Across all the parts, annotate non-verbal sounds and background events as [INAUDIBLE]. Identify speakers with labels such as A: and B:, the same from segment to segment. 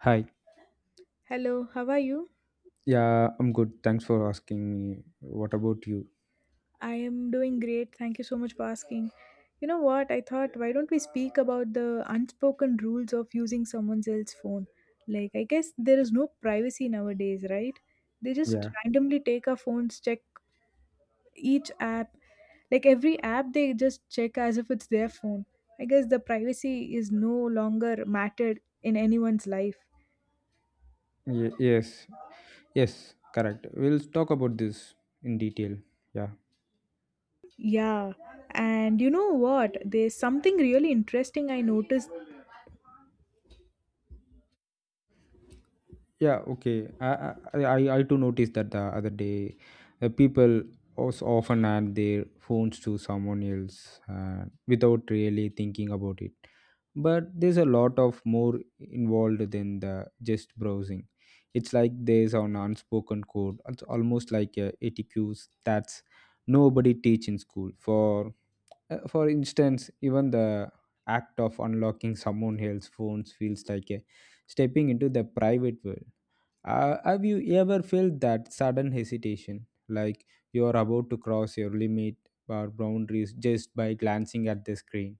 A: Hi.
B: Hello, how are you?
A: Yeah, I'm good. Thanks for asking me. What about you?
B: I am doing great. Thank you so much for asking. You know what? I thought, why don't we speak about the unspoken rules of using someone else's phone? Like, I guess there is no privacy nowadays, right? They just
A: Yeah.
B: randomly take our phones, check each app. Like, every app they just check as if it's their phone. I guess the privacy is no longer mattered in anyone's life.
A: Yes. Yes. Correct. We'll talk about this in detail. Yeah.
B: Yeah. And you know what? There's something really interesting I noticed.
A: Yeah. Okay. I too noticed that the other day, people also often add their phones to someone else without really thinking about it. But there's a lot of more involved than the just browsing. It's like there's an unspoken code. It's almost like a etiquette that's nobody teach in school for instance, even the act of unlocking someone else's phones feels like a stepping into the private world. Have you ever felt that sudden hesitation, like you're about to cross your limit or boundaries just by glancing at the screen?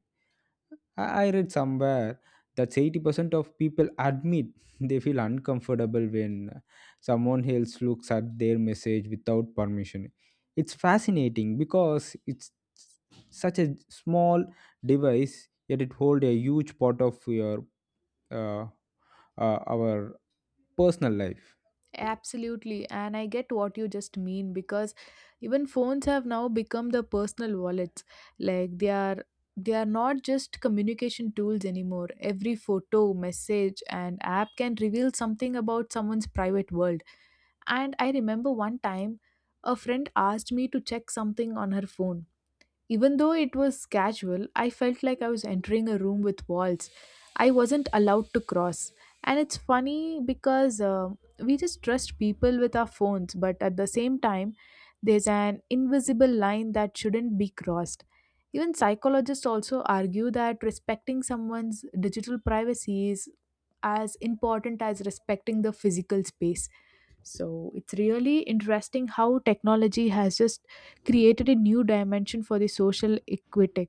A: I read somewhere that 80% of people admit [LAUGHS] they feel uncomfortable when someone else looks at their message without permission. It's fascinating because it's such a small device, yet it holds a huge part of your uh, our personal life.
B: Absolutely, and I get what you just mean because even phones have now become the personal wallets. Like they are not just communication tools anymore. Every photo, message, and app can reveal something about someone's private world. And I remember one time a friend asked me to check something on her phone. Even though it was casual, I felt like I was entering a room with walls I wasn't allowed to cross. And it's funny because we just trust people with our phones, but at the same time, there's an invisible line that shouldn't be crossed. Even psychologists also argue that respecting someone's digital privacy is as important as respecting the physical space. So it's really interesting how technology has just created a new dimension for the social equity.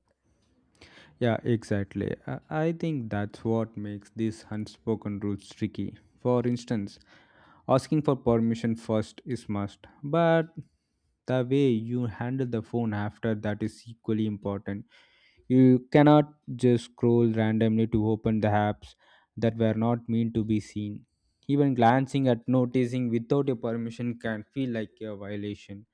A: Yeah, exactly. I think that's what makes these unspoken rules tricky. For instance, asking for permission first is must, but the way you handle the phone after that is equally important. You cannot just scroll randomly to open the apps that were not meant to be seen. Even glancing at noticing without your permission can feel like a violation.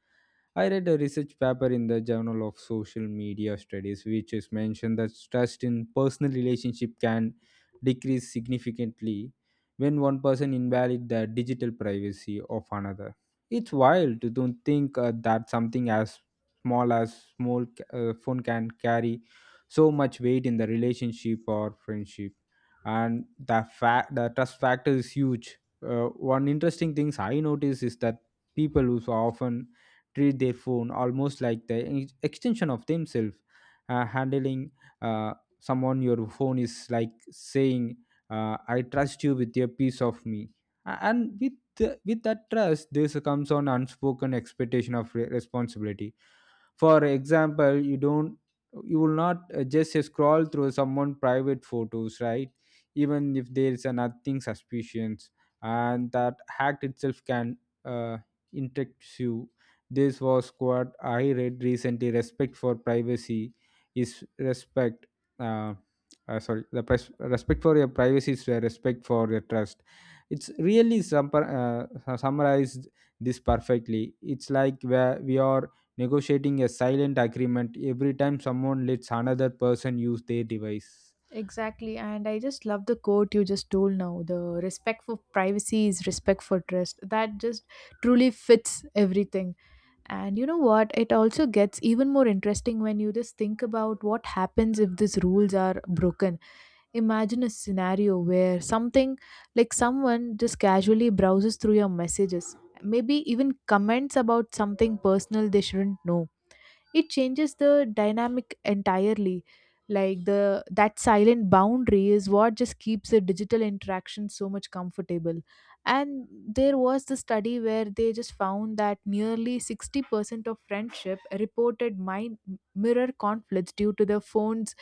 A: I read a research paper in the Journal of Social Media Studies, which is mentioned that trust in personal relationship can decrease significantly when one person invalidates the digital privacy of another. It's wild to don't think, that something as small phone can carry so much weight in the relationship or friendship, and the fact the trust factor is huge. One interesting things I notice is that people who so often treat their phone almost like the extension of themselves. Handling uh, someone your phone is like saying, "I trust you with your piece of me," and with that trust, this comes on unspoken expectation of responsibility. For example, you don't, you will not just scroll through someone private photos, right? Even if there is a nothing suspicious, and that act itself can, uh, interest you. This was what I read recently: respect for privacy is respect, uh, sorry, the respect for your privacy is, respect for your trust. It's really summarized this perfectly. It's like where we are negotiating a silent agreement every time someone lets another person use their device.
B: Exactly, and I just love the quote you just told now. The respect for privacy is respect for trust. That just truly fits everything. And you know what? It also gets even more interesting when you just think about what happens if these rules are broken. Imagine a scenario where something like someone just casually browses through your messages, maybe even comments about something personal they shouldn't know. It changes the dynamic entirely, like the that silent boundary is what just keeps the digital interaction so much comfortable. And there was the study where they just found that nearly 60% of friendship reported mind mirror conflicts due to the phone's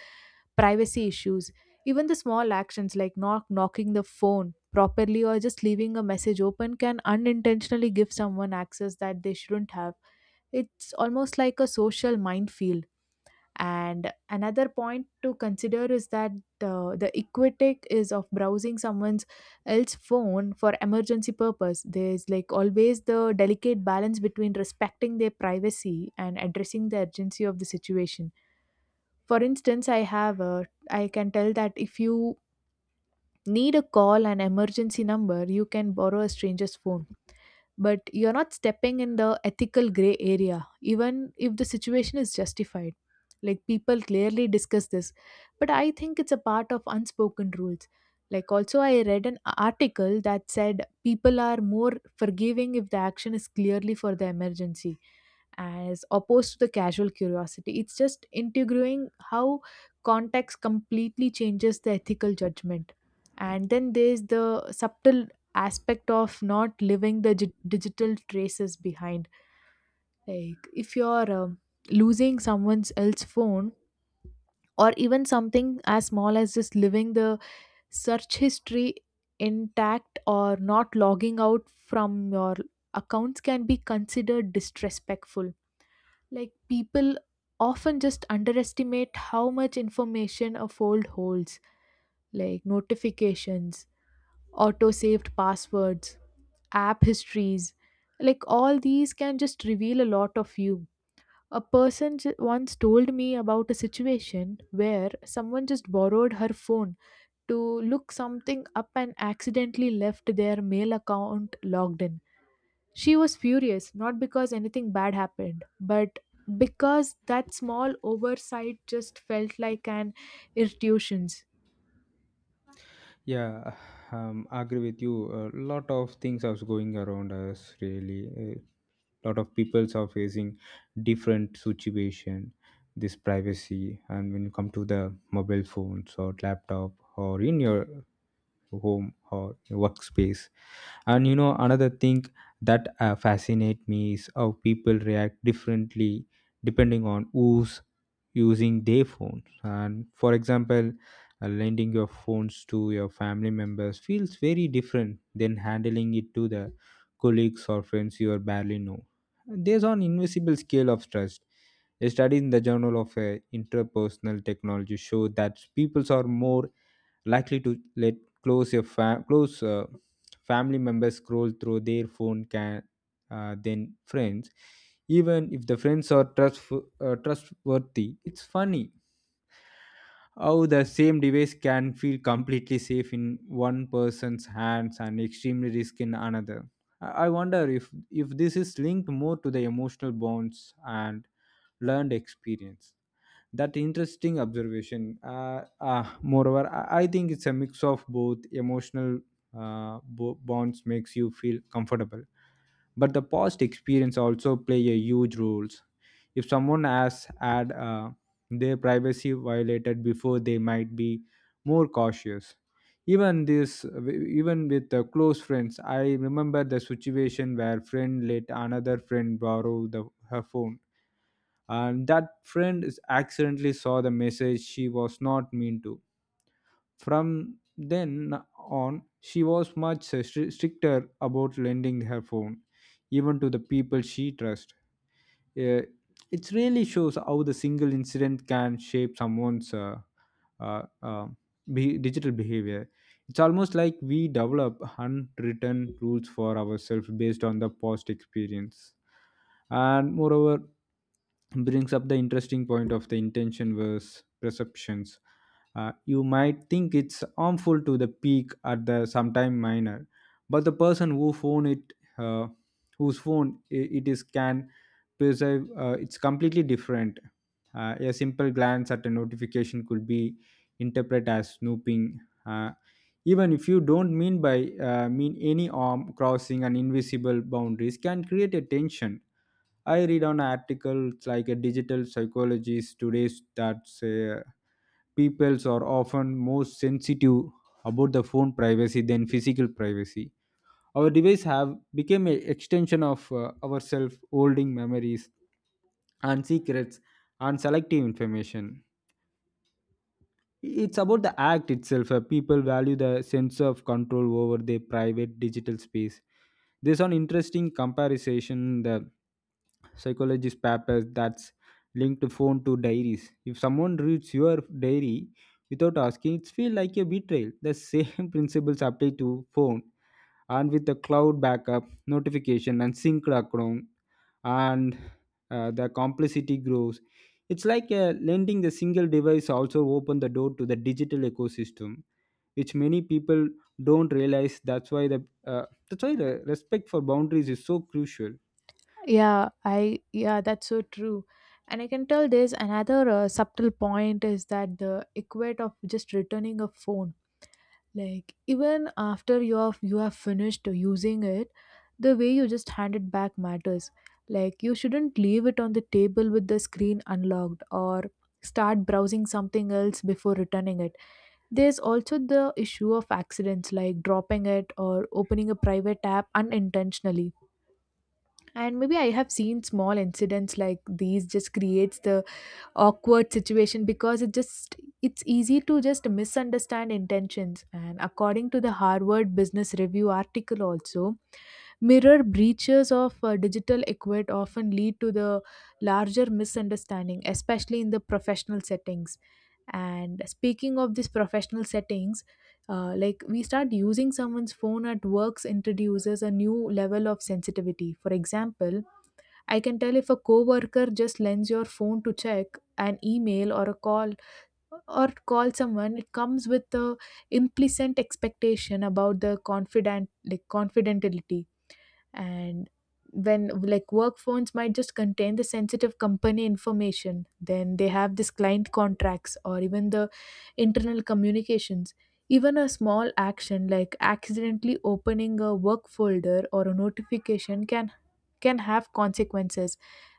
B: privacy issues. Even the small actions like not knocking the phone properly or just leaving a message open can unintentionally give someone access that they shouldn't have. It's almost like a social minefield. And another point to consider is that the equitic is of browsing someone's else phone for emergency purpose. There's like always the delicate balance between respecting their privacy and addressing the urgency of the situation. For instance, I can tell that if you need a call an emergency number, you can borrow a stranger's phone, but you're not stepping in the ethical gray area, even if the situation is justified. Like people clearly discuss this, but I think it's a part of unspoken rules. Like, also, I read an article that said people are more forgiving if the action is clearly for the emergency as opposed to the casual curiosity. It's just integrating how context completely changes the ethical judgment. And then there's the subtle aspect of not leaving the digital traces behind. Like if you're losing someone's else phone, or even something as small as just leaving the search history intact or not logging out from your accounts can be considered disrespectful. Like people often just underestimate how much information a fold holds, like notifications, auto saved passwords, app histories. Like all these can just reveal a lot of you. A once told me about a situation where someone just borrowed her phone to look something up and accidentally left their mail account logged in. She was furious, not because anything bad happened, but because that small oversight just felt like an irritation.
A: Yeah, I agree with you. A lot of things are going around us, really. A lot of peoples are facing different situation. This privacy, and when you come to the mobile phones or laptop or in your home or workspace. And you know another thing that fascinate me is how people react differently depending on who's using their phones. And for example, lending your phones to your family members feels very different than handling it to the colleagues or friends you barely know. There's an invisible scale of trust. A study in the Journal of Interpersonal Technology showed that people are more likely to let close family members scroll through their phone can, then friends, even if the friends are trustworthy. It's funny how the same device can feel completely safe in one person's hands and extremely risky in another. I wonder if this is linked more to the emotional bonds and learned experience. That interesting observation. Moreover, I think it's a mix of both. Emotional bonds makes you feel comfortable, but the past experience also play a huge roles. If someone has had, their privacy violated before, they might be more cautious, even this, even with the close friends. I remember the situation where friend let another friend borrow the her phone, and that friend is accidentally saw the message she was not mean to. From then on, she was much stricter about lending her phone, even to the people she trusts. Uh, it really shows how the single incident can shape someone's uh, uh, digital behavior. It's almost like we develop unwritten rules for ourselves based on the past experience. And moreover, brings up the interesting point of the intention versus perceptions. You might think it's harmful to the peak at the sometime minor, but the person whose phone it is can perceive, it's completely different. A simple glance at a notification could be interpreted as snooping, uh, even if you don't mean any arm crossing, and invisible boundaries can create a tension. I read on articles like a digital psychologist today that say peoples are often more sensitive about the phone privacy than physical privacy. Our device have become an extension of, ourselves, holding memories and secrets and selective information. It's about the act itself. People value the sense of control over their private digital space. There's an interesting comparison, the psychologist papers that's linked to phone to diaries. If someone reads your diary without asking, it feels like a betrayal. The same [LAUGHS] principles apply to phone. And with the cloud backup notification and synced account, and the complexity grows. It's like, lending the single device also open the door to the digital ecosystem, which many people don't realize. That's why the respect for boundaries is so crucial.
B: Yeah, that's so true. And I can tell there's another subtle point is that the equate of just returning a phone. Like even after you have finished using it, the way you just hand it back matters. Like you shouldn't leave it on the table with the screen unlocked or start browsing something else before returning it. There's also the issue of accidents like dropping it or opening a private app unintentionally. And maybe I have seen small incidents like these just creates the awkward situation, because it's easy to just misunderstand intentions. And according to the Harvard Business Review article, also mirror breaches of digital equate often lead to the larger misunderstanding, especially in the professional settings. And speaking of these professional settings, like we start using someone's phone at works introduces a new level of sensitivity. For example, I can tell if a coworker just lends your phone to check an email or a call, or call someone, it comes with the implicit expectation about the confident, like confidentiality. And when like work phones might just contain the sensitive company information, then they have this client contracts or even the internal communications. Even a small action like accidentally opening a work folder or a notification can have consequences.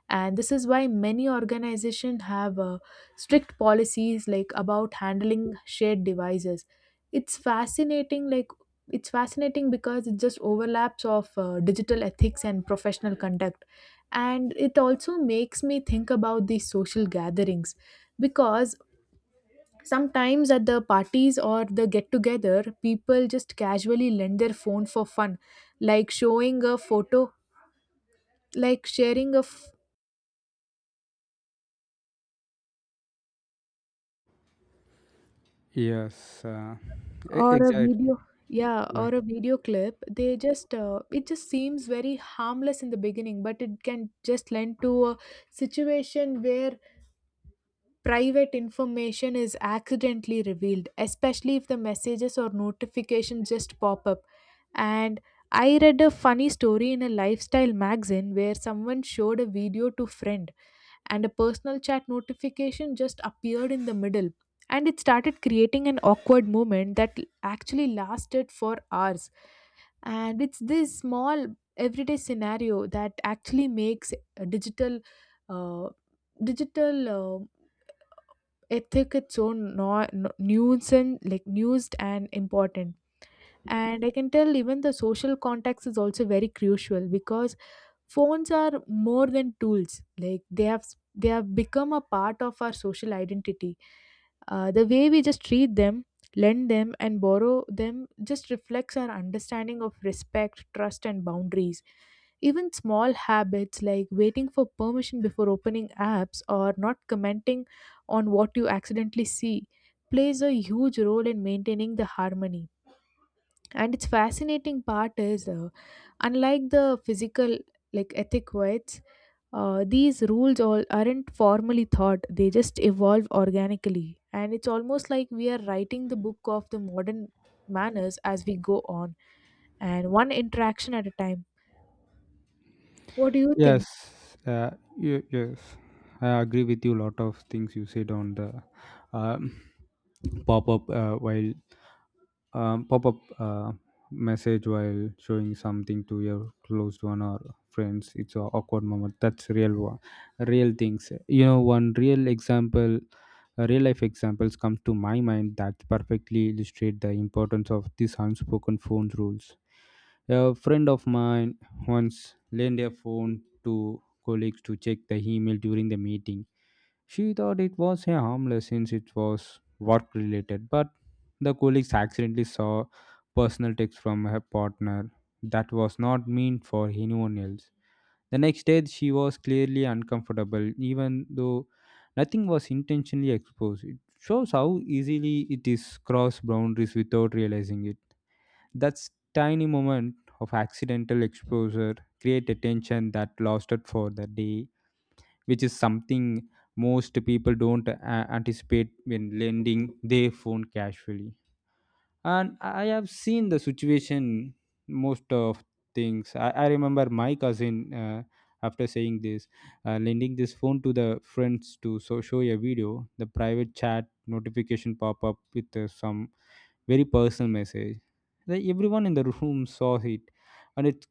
B: And this is why many organizations have strict policies like about handling shared devices. It's fascinating like it's fascinating because it just overlaps of digital ethics and professional conduct. And it also makes me think about these social gatherings, because sometimes at the parties or the get together people just casually lend their phone for fun, like showing a photo, like sharing a
A: Yes,
B: or a
A: exactly.
B: video. Yeah, or a video clip, they just it just seems very harmless in the beginning, but it can just lend to a situation where private information is accidentally revealed, especially if the messages or notifications just pop up. And I read a funny story in a lifestyle magazine where someone showed a video to friend and a personal chat notification just appeared in the middle. And it started creating an awkward moment that actually lasted for hours. And it's this small everyday scenario that actually makes a digital, uh, digital uh, ethic its own no- no- nuisance, like nuised and important. And I can tell even the social context is also very crucial, because phones are more than tools. Like they have become a part of our social identity. The way we just treat them, lend them and borrow them just reflects our understanding of respect, trust and boundaries. Even small habits like waiting for permission before opening apps or not commenting on what you accidentally see plays a huge role in maintaining the harmony. And its fascinating part is unlike the physical like ethic weights, these rules all aren't formally thought. They just evolve organically, and it's almost like we are writing the book of the modern manners as we go on, and one interaction at a time. What do you think?
A: Yes, uh, yes, I agree with you. A lot of things you said on the, um, pop up, while, pop up, message while showing something to your close one or friends. It's a awkward moment. That's real one, real things. You know, one real example, real life examples come to my mind that perfectly illustrate the importance of these unspoken phone rules. A friend of mine once lent her phone to colleagues to check the email during the meeting. She thought it was a harmless since it was work related, but the colleagues accidentally saw personal text from her partner that was not meant for anyone else. The next day, she was clearly uncomfortable, even though nothing was intentionally exposed. It shows how easily it is cross boundaries without realizing it. That tiny moment of accidental exposure create a tension that lasted for the day, which is something most people don't, anticipate when lending their phone casually. And I have seen the situation most of things. I remember my cousin, after saying this, lending this phone to the friends to show a video, the private chat notification pop up with, some very personal message. Everyone in the room saw it, and it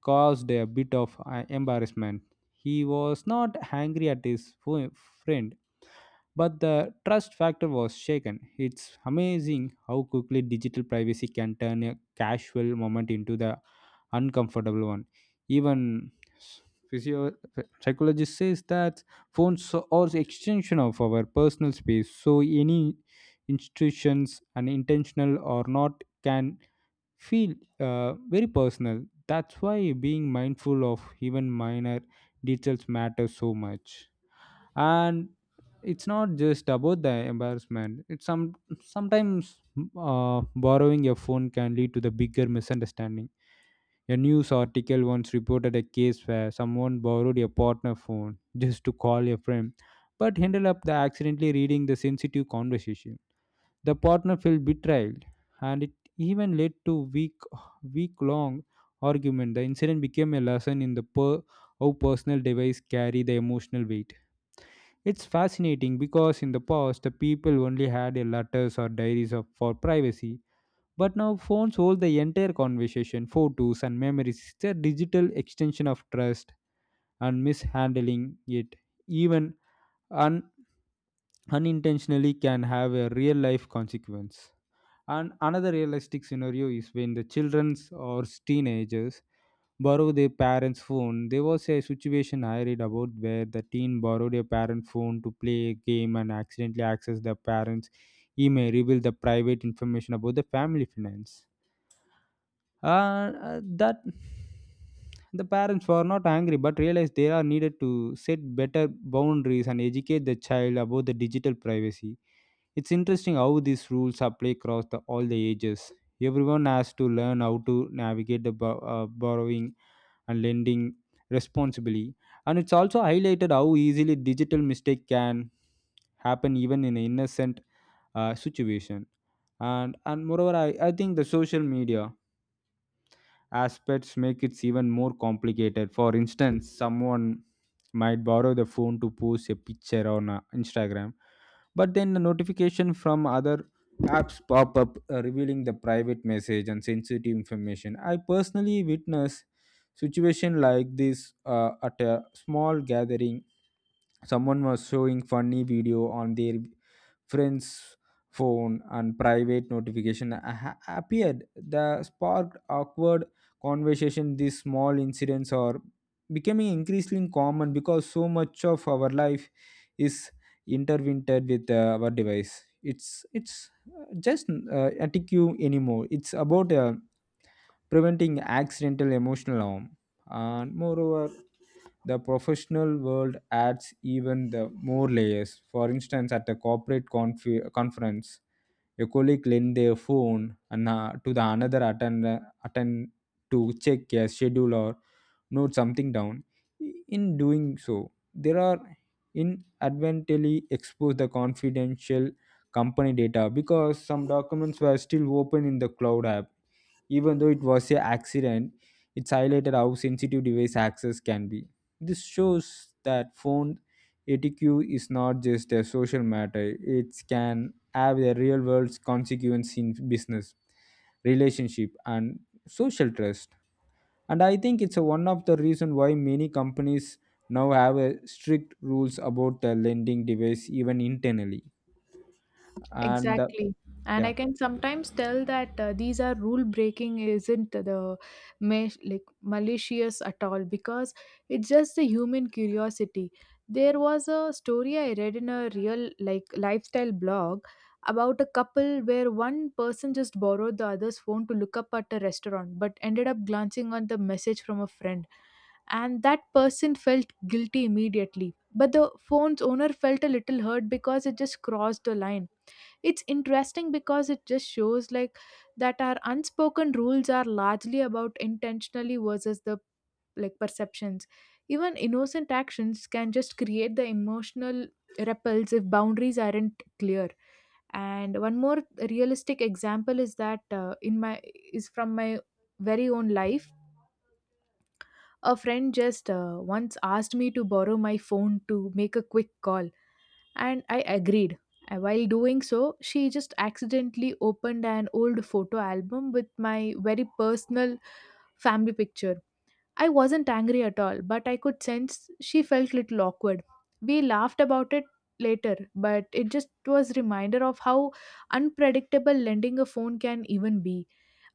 A: caused a bit of, embarrassment. He was not angry at his friend, but the trust factor was shaken. It's amazing how quickly digital privacy can turn a casual moment into the uncomfortable one. Even s- physio- psychologist says that phones are the extension of our personal space. So any institutions and intentional or not can feel, very personal. That's why being mindful of even minor details matters so much. And it's not just about the embarrassment. It's sometimes, borrowing your phone can lead to the bigger misunderstanding. A news article once reported a case where someone borrowed a partner phone just to call a friend, but ended up the accidentally reading the sensitive conversation. The partner felt betrayed, and it even led to week long argument. The incident became a lesson in how personal device carry the emotional weight. It's fascinating because in the past, the people only had a letters or diaries for privacy, but now phones hold the entire conversation, photos, and memories. It's a digital extension of trust, and mishandling it, even un- unintentionally, can have a real life consequence. And another realistic scenario is when the children or teenagers borrow their parents' phone. There was a situation I read about where the teen borrowed a parent phone to play a game and accidentally accessed the parents' email, revealed the private information about the family finance. Uh, that the parents were not angry but realized they are needed to set better boundaries and educate the child about the digital privacy. It's interesting how these rules apply across all the ages. Everyone has to learn how to navigate the borrowing and lending responsibly. And it's also highlighted how easily digital mistake can happen even in an innocent, situation. And moreover, I think the social media aspects make it even more complicated. For instance, someone might borrow the phone to post a picture on, Instagram, but then the notification from other apps pop up, revealing the private message and sensitive information. I personally witness situation like this at a small gathering. Someone was showing funny video on their friend's phone and private notification appeared. That sparked awkward conversation. These small incidents are becoming increasingly common because so much of our life is intertwined with our device. It's just etiquette anymore. It's about preventing accidental emotional harm. And moreover, the professional world adds even the more layers. For instance, at a corporate conference, a colleague lent their phone and, to the another attend to check a schedule or note something down. In doing so, there are inadvertently expose the confidential company data because some documents were still open in the cloud app. Even though it was a accident, it's highlighted how sensitive device access can be. This shows that phone etiquette is not just a social matter; it can have a real world consequence in business relationship and social trust, and I think it's a one of the reason why many companies now have a strict rules about the lending device even internally, and
B: Exactly. And
A: yeah.
B: I can sometimes tell that these are rule breaking isn't the like malicious at all, because it's just the human curiosity. There was a story I read in a real like lifestyle blog about a couple where one person just borrowed the other's phone to look up at a restaurant but ended up glancing on the message from a friend. And that person felt guilty immediately, but the phone's owner felt a little hurt because it just crossed the line. It's interesting because it just shows like that our unspoken rules are largely about intentionally versus the like perceptions. Even innocent actions can just create the emotional ripples if boundaries aren't clear. And one more realistic example is that in my is from my very own life. A friend just once asked me to borrow my phone to make a quick call, and I agreed. While doing so, she just accidentally opened an old photo album with my very personal family picture. I wasn't angry at all, but I could sense she felt little awkward. We laughed about it later, but it just was reminder of how unpredictable lending a phone can even be.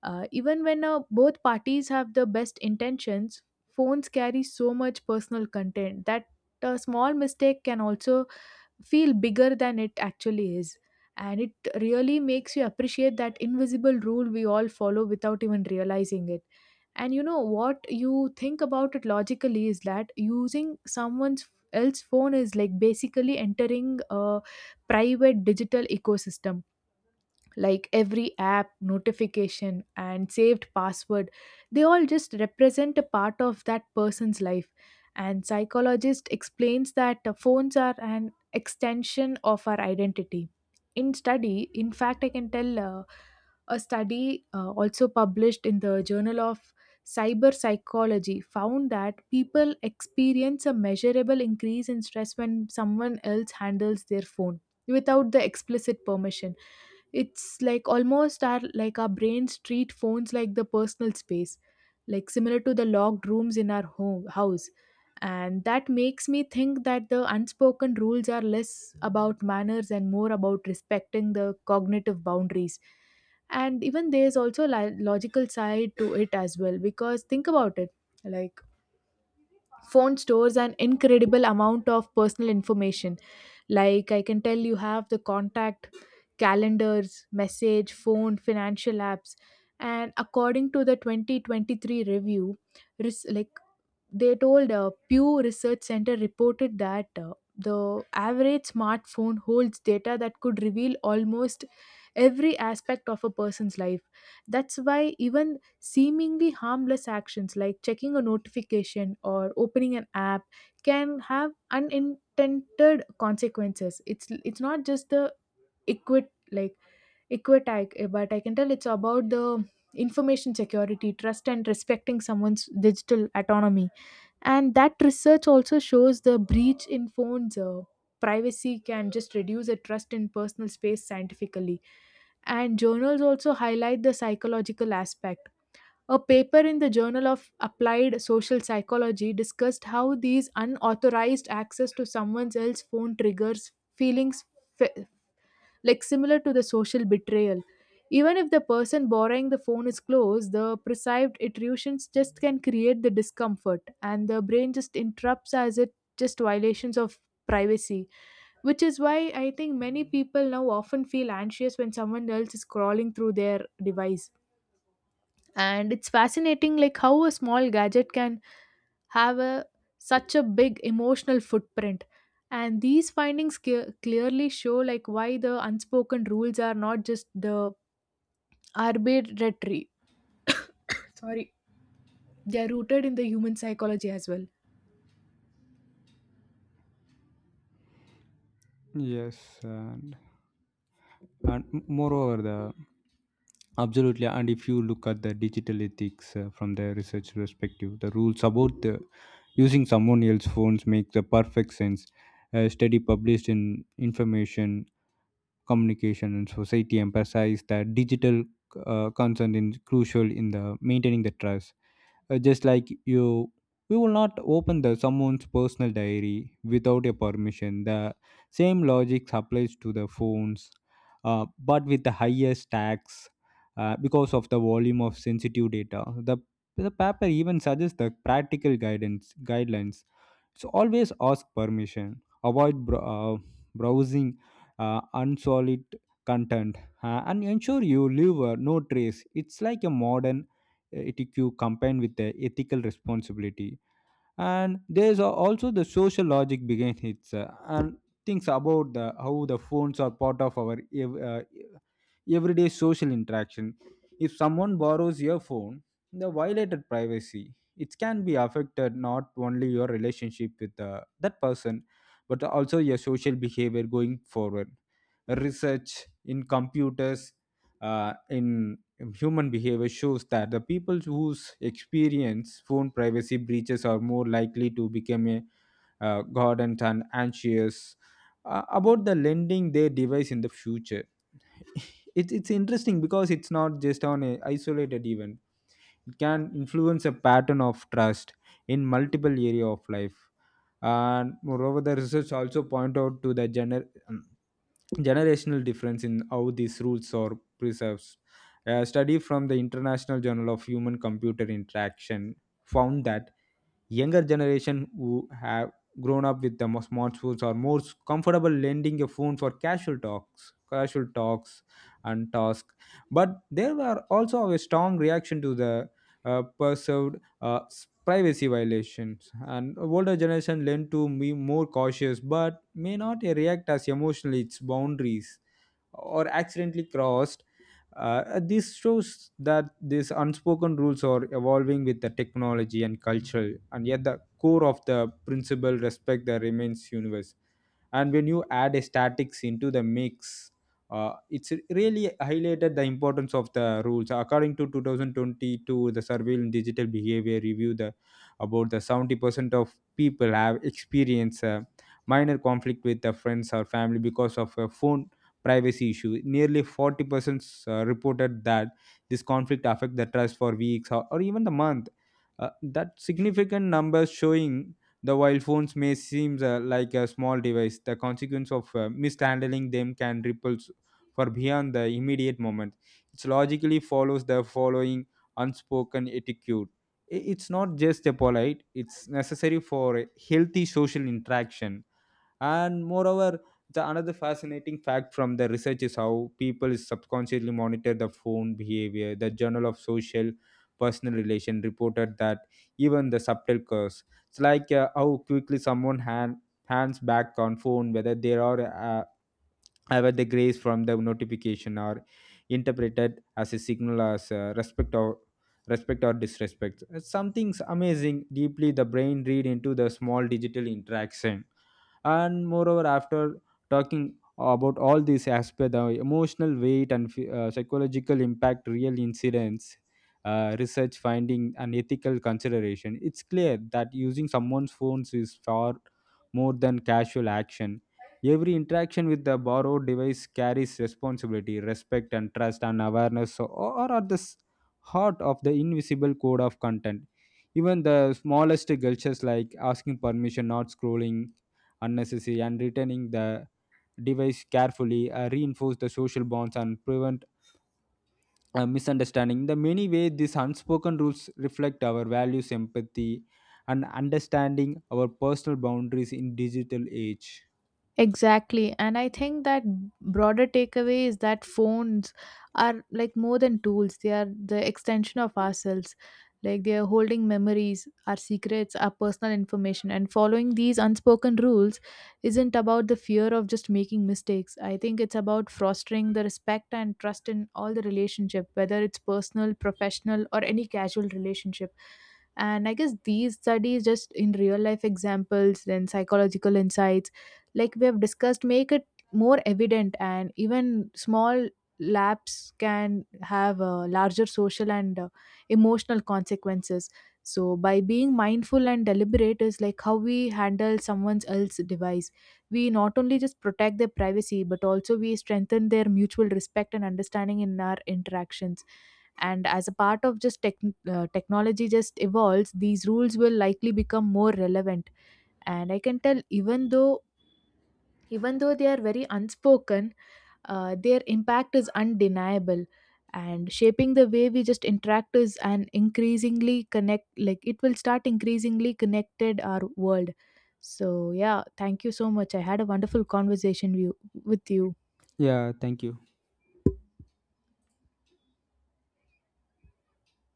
B: Even when both parties have the best intentions, phones carry so much personal content that a small mistake can also feel bigger than it actually is. And it really makes you appreciate that invisible rule we all follow without even realizing it. And you know what you think about it logically is that using someone's else phone is like basically entering a private digital ecosystem. Like every app notification and saved password, they all just represent a part of that person's life. And psychologist explains that phones are an extension of our identity in study. In fact, I can tell a study also published in the Journal of Cyber Psychology found that people experience a measurable increase in stress when someone else handles their phone without the explicit permission. It's like almost our brains treat phones like the personal space, like similar to the locked rooms in our home house. And that makes me think that the unspoken rules are less about manners and more about respecting the cognitive boundaries. And even there's also a logical side to it as well, because think about it, like phone stores an incredible amount of personal information. Like I can tell you have the contact, calendars, message, phone, financial apps. And according to the 2023 review, res- like they told Pew Research Center reported that the average smartphone holds data that could reveal almost every aspect of a person's life. That's why even seemingly harmless actions like checking a notification or opening an app can have unintended consequences. It's not just the equit like equitag, but I can tell it's about the information security, trust, and respecting someone's digital autonomy. And that research also shows the breach in phones. Privacy can just reduce a trust in personal space scientifically. And journals also highlight the psychological aspect. A paper in the Journal of Applied Social Psychology discussed how these unauthorized access to someone else's phone triggers feelings fe- like similar to the social betrayal. Even if the person borrowing the phone is close, the perceived intrusions just can create the discomfort, and the brain just interrupts as it just violations of privacy, which is why I think many people now often feel anxious when someone else is crawling through their device. And it's fascinating like how a small gadget can have a such a big emotional footprint. And these findings clearly show like why the unspoken rules are not just the arbitrary sorry. They are rooted in the human psychology as well.
A: Yes, and moreover the absolutely, and if you look at the digital ethics from the research perspective, the rules about the using someone else's phones make the perfect sense. A study published in information communication and society emphasize that digital concern is crucial in the maintaining the trust, just like you, we will not open the someone's personal diary without a permission. The same logic applies to the phones, but with the highest tax, because of the volume of sensitive data. The paper even suggests the practical guidance guidelines, so always ask permission, avoid browsing unsolid content, and ensure you leave no trace. It's like a modern etq combined with the ethical responsibility. And there's also the social logic behind it, and things about the how the phones are part of our ev- uh, everyday social interaction. If someone borrows your phone, the violated privacy, it can be affected not only your relationship with that person, but also your social behavior going forward. Research in computers in human behavior shows that the people whose experience phone privacy breaches are more likely to become a guardant and anxious about the lending their device in the future. [LAUGHS] It's interesting because it's not just on a isolated event. It can influence a pattern of trust in multiple area of life. And moreover, the research also point out to the generational difference in how these rules are preserved. A study from the International Journal of Human Computer Interaction found that younger generation who have grown up with the smartphones are more comfortable lending a phone for casual talks and tasks, but there were also a strong reaction to the perceived privacy violations, and older generation lend to be more cautious but may not react as emotionally its boundaries or accidentally crossed. And this shows that these unspoken rules are evolving with the technology and culture, and yet the core of the principle respect that remains universal. And when you add statics into the mix, it's really highlighted the importance of the rules. According to 2022 the survey in digital behavior review, the about the 70% of people have experienced a minor conflict with their friends or family because of a phone privacy issue. Nearly 40% reported that this conflict affect the trust for weeks or even the month. That significant numbers showing the while phones may seem like a small device, the consequence of mishandling them can ripple for beyond the immediate moment. It logically follows the following unspoken etiquette. It's not just a polite, it's necessary for a healthy social interaction. And moreover, the another fascinating fact from the research is how people subconsciously monitor the phone behavior. The journal of social personal relation reported that even the subtle curves, it's like how quickly someone hands back on phone, whether they are ever the grace from the notification are interpreted as a signal as respect or disrespect. Something's amazing deeply the brain read into the small digital interaction. And moreover, after talking about all these aspects, the emotional weight and psychological impact, real incidents, research finding and ethical consideration, it's clear that using someone's phones is far more than casual action. Every interaction with the borrowed device carries responsibility, respect and trust and awareness, so, or at the heart of the invisible code of content, even the smallest gestures like asking permission, not scrolling unnecessary, and returning the device carefully reinforce the social bonds and prevent misunderstanding. In the many ways these unspoken rules reflect our values, empathy, and understanding our personal boundaries in digital age.
B: Exactly. And I think that broader takeaway is that phones are like more than tools, they are the extension of ourselves. Like they are holding memories, our secrets, our personal information. And following these unspoken rules isn't about the fear of just making mistakes. I think it's about fostering the respect and trust in all the relationship, whether it's personal, professional, or any casual relationship. And I guess these studies, just in real life examples, then psychological insights like we have discussed make it more evident, and even small lapse can have larger social and emotional consequences. So by being mindful and deliberate is like how we handle someone else's device, we not only just protect their privacy but also we strengthen their mutual respect and understanding in our interactions. And as a part of just technology just evolves, these rules will likely become more relevant. And I can tell even though they are very unspoken, their impact is undeniable, and shaping the way we just interact is an increasingly connect, like it will start increasingly connected our world. So yeah, thank you so much. I had a wonderful conversation with you.
A: Yeah, thank you.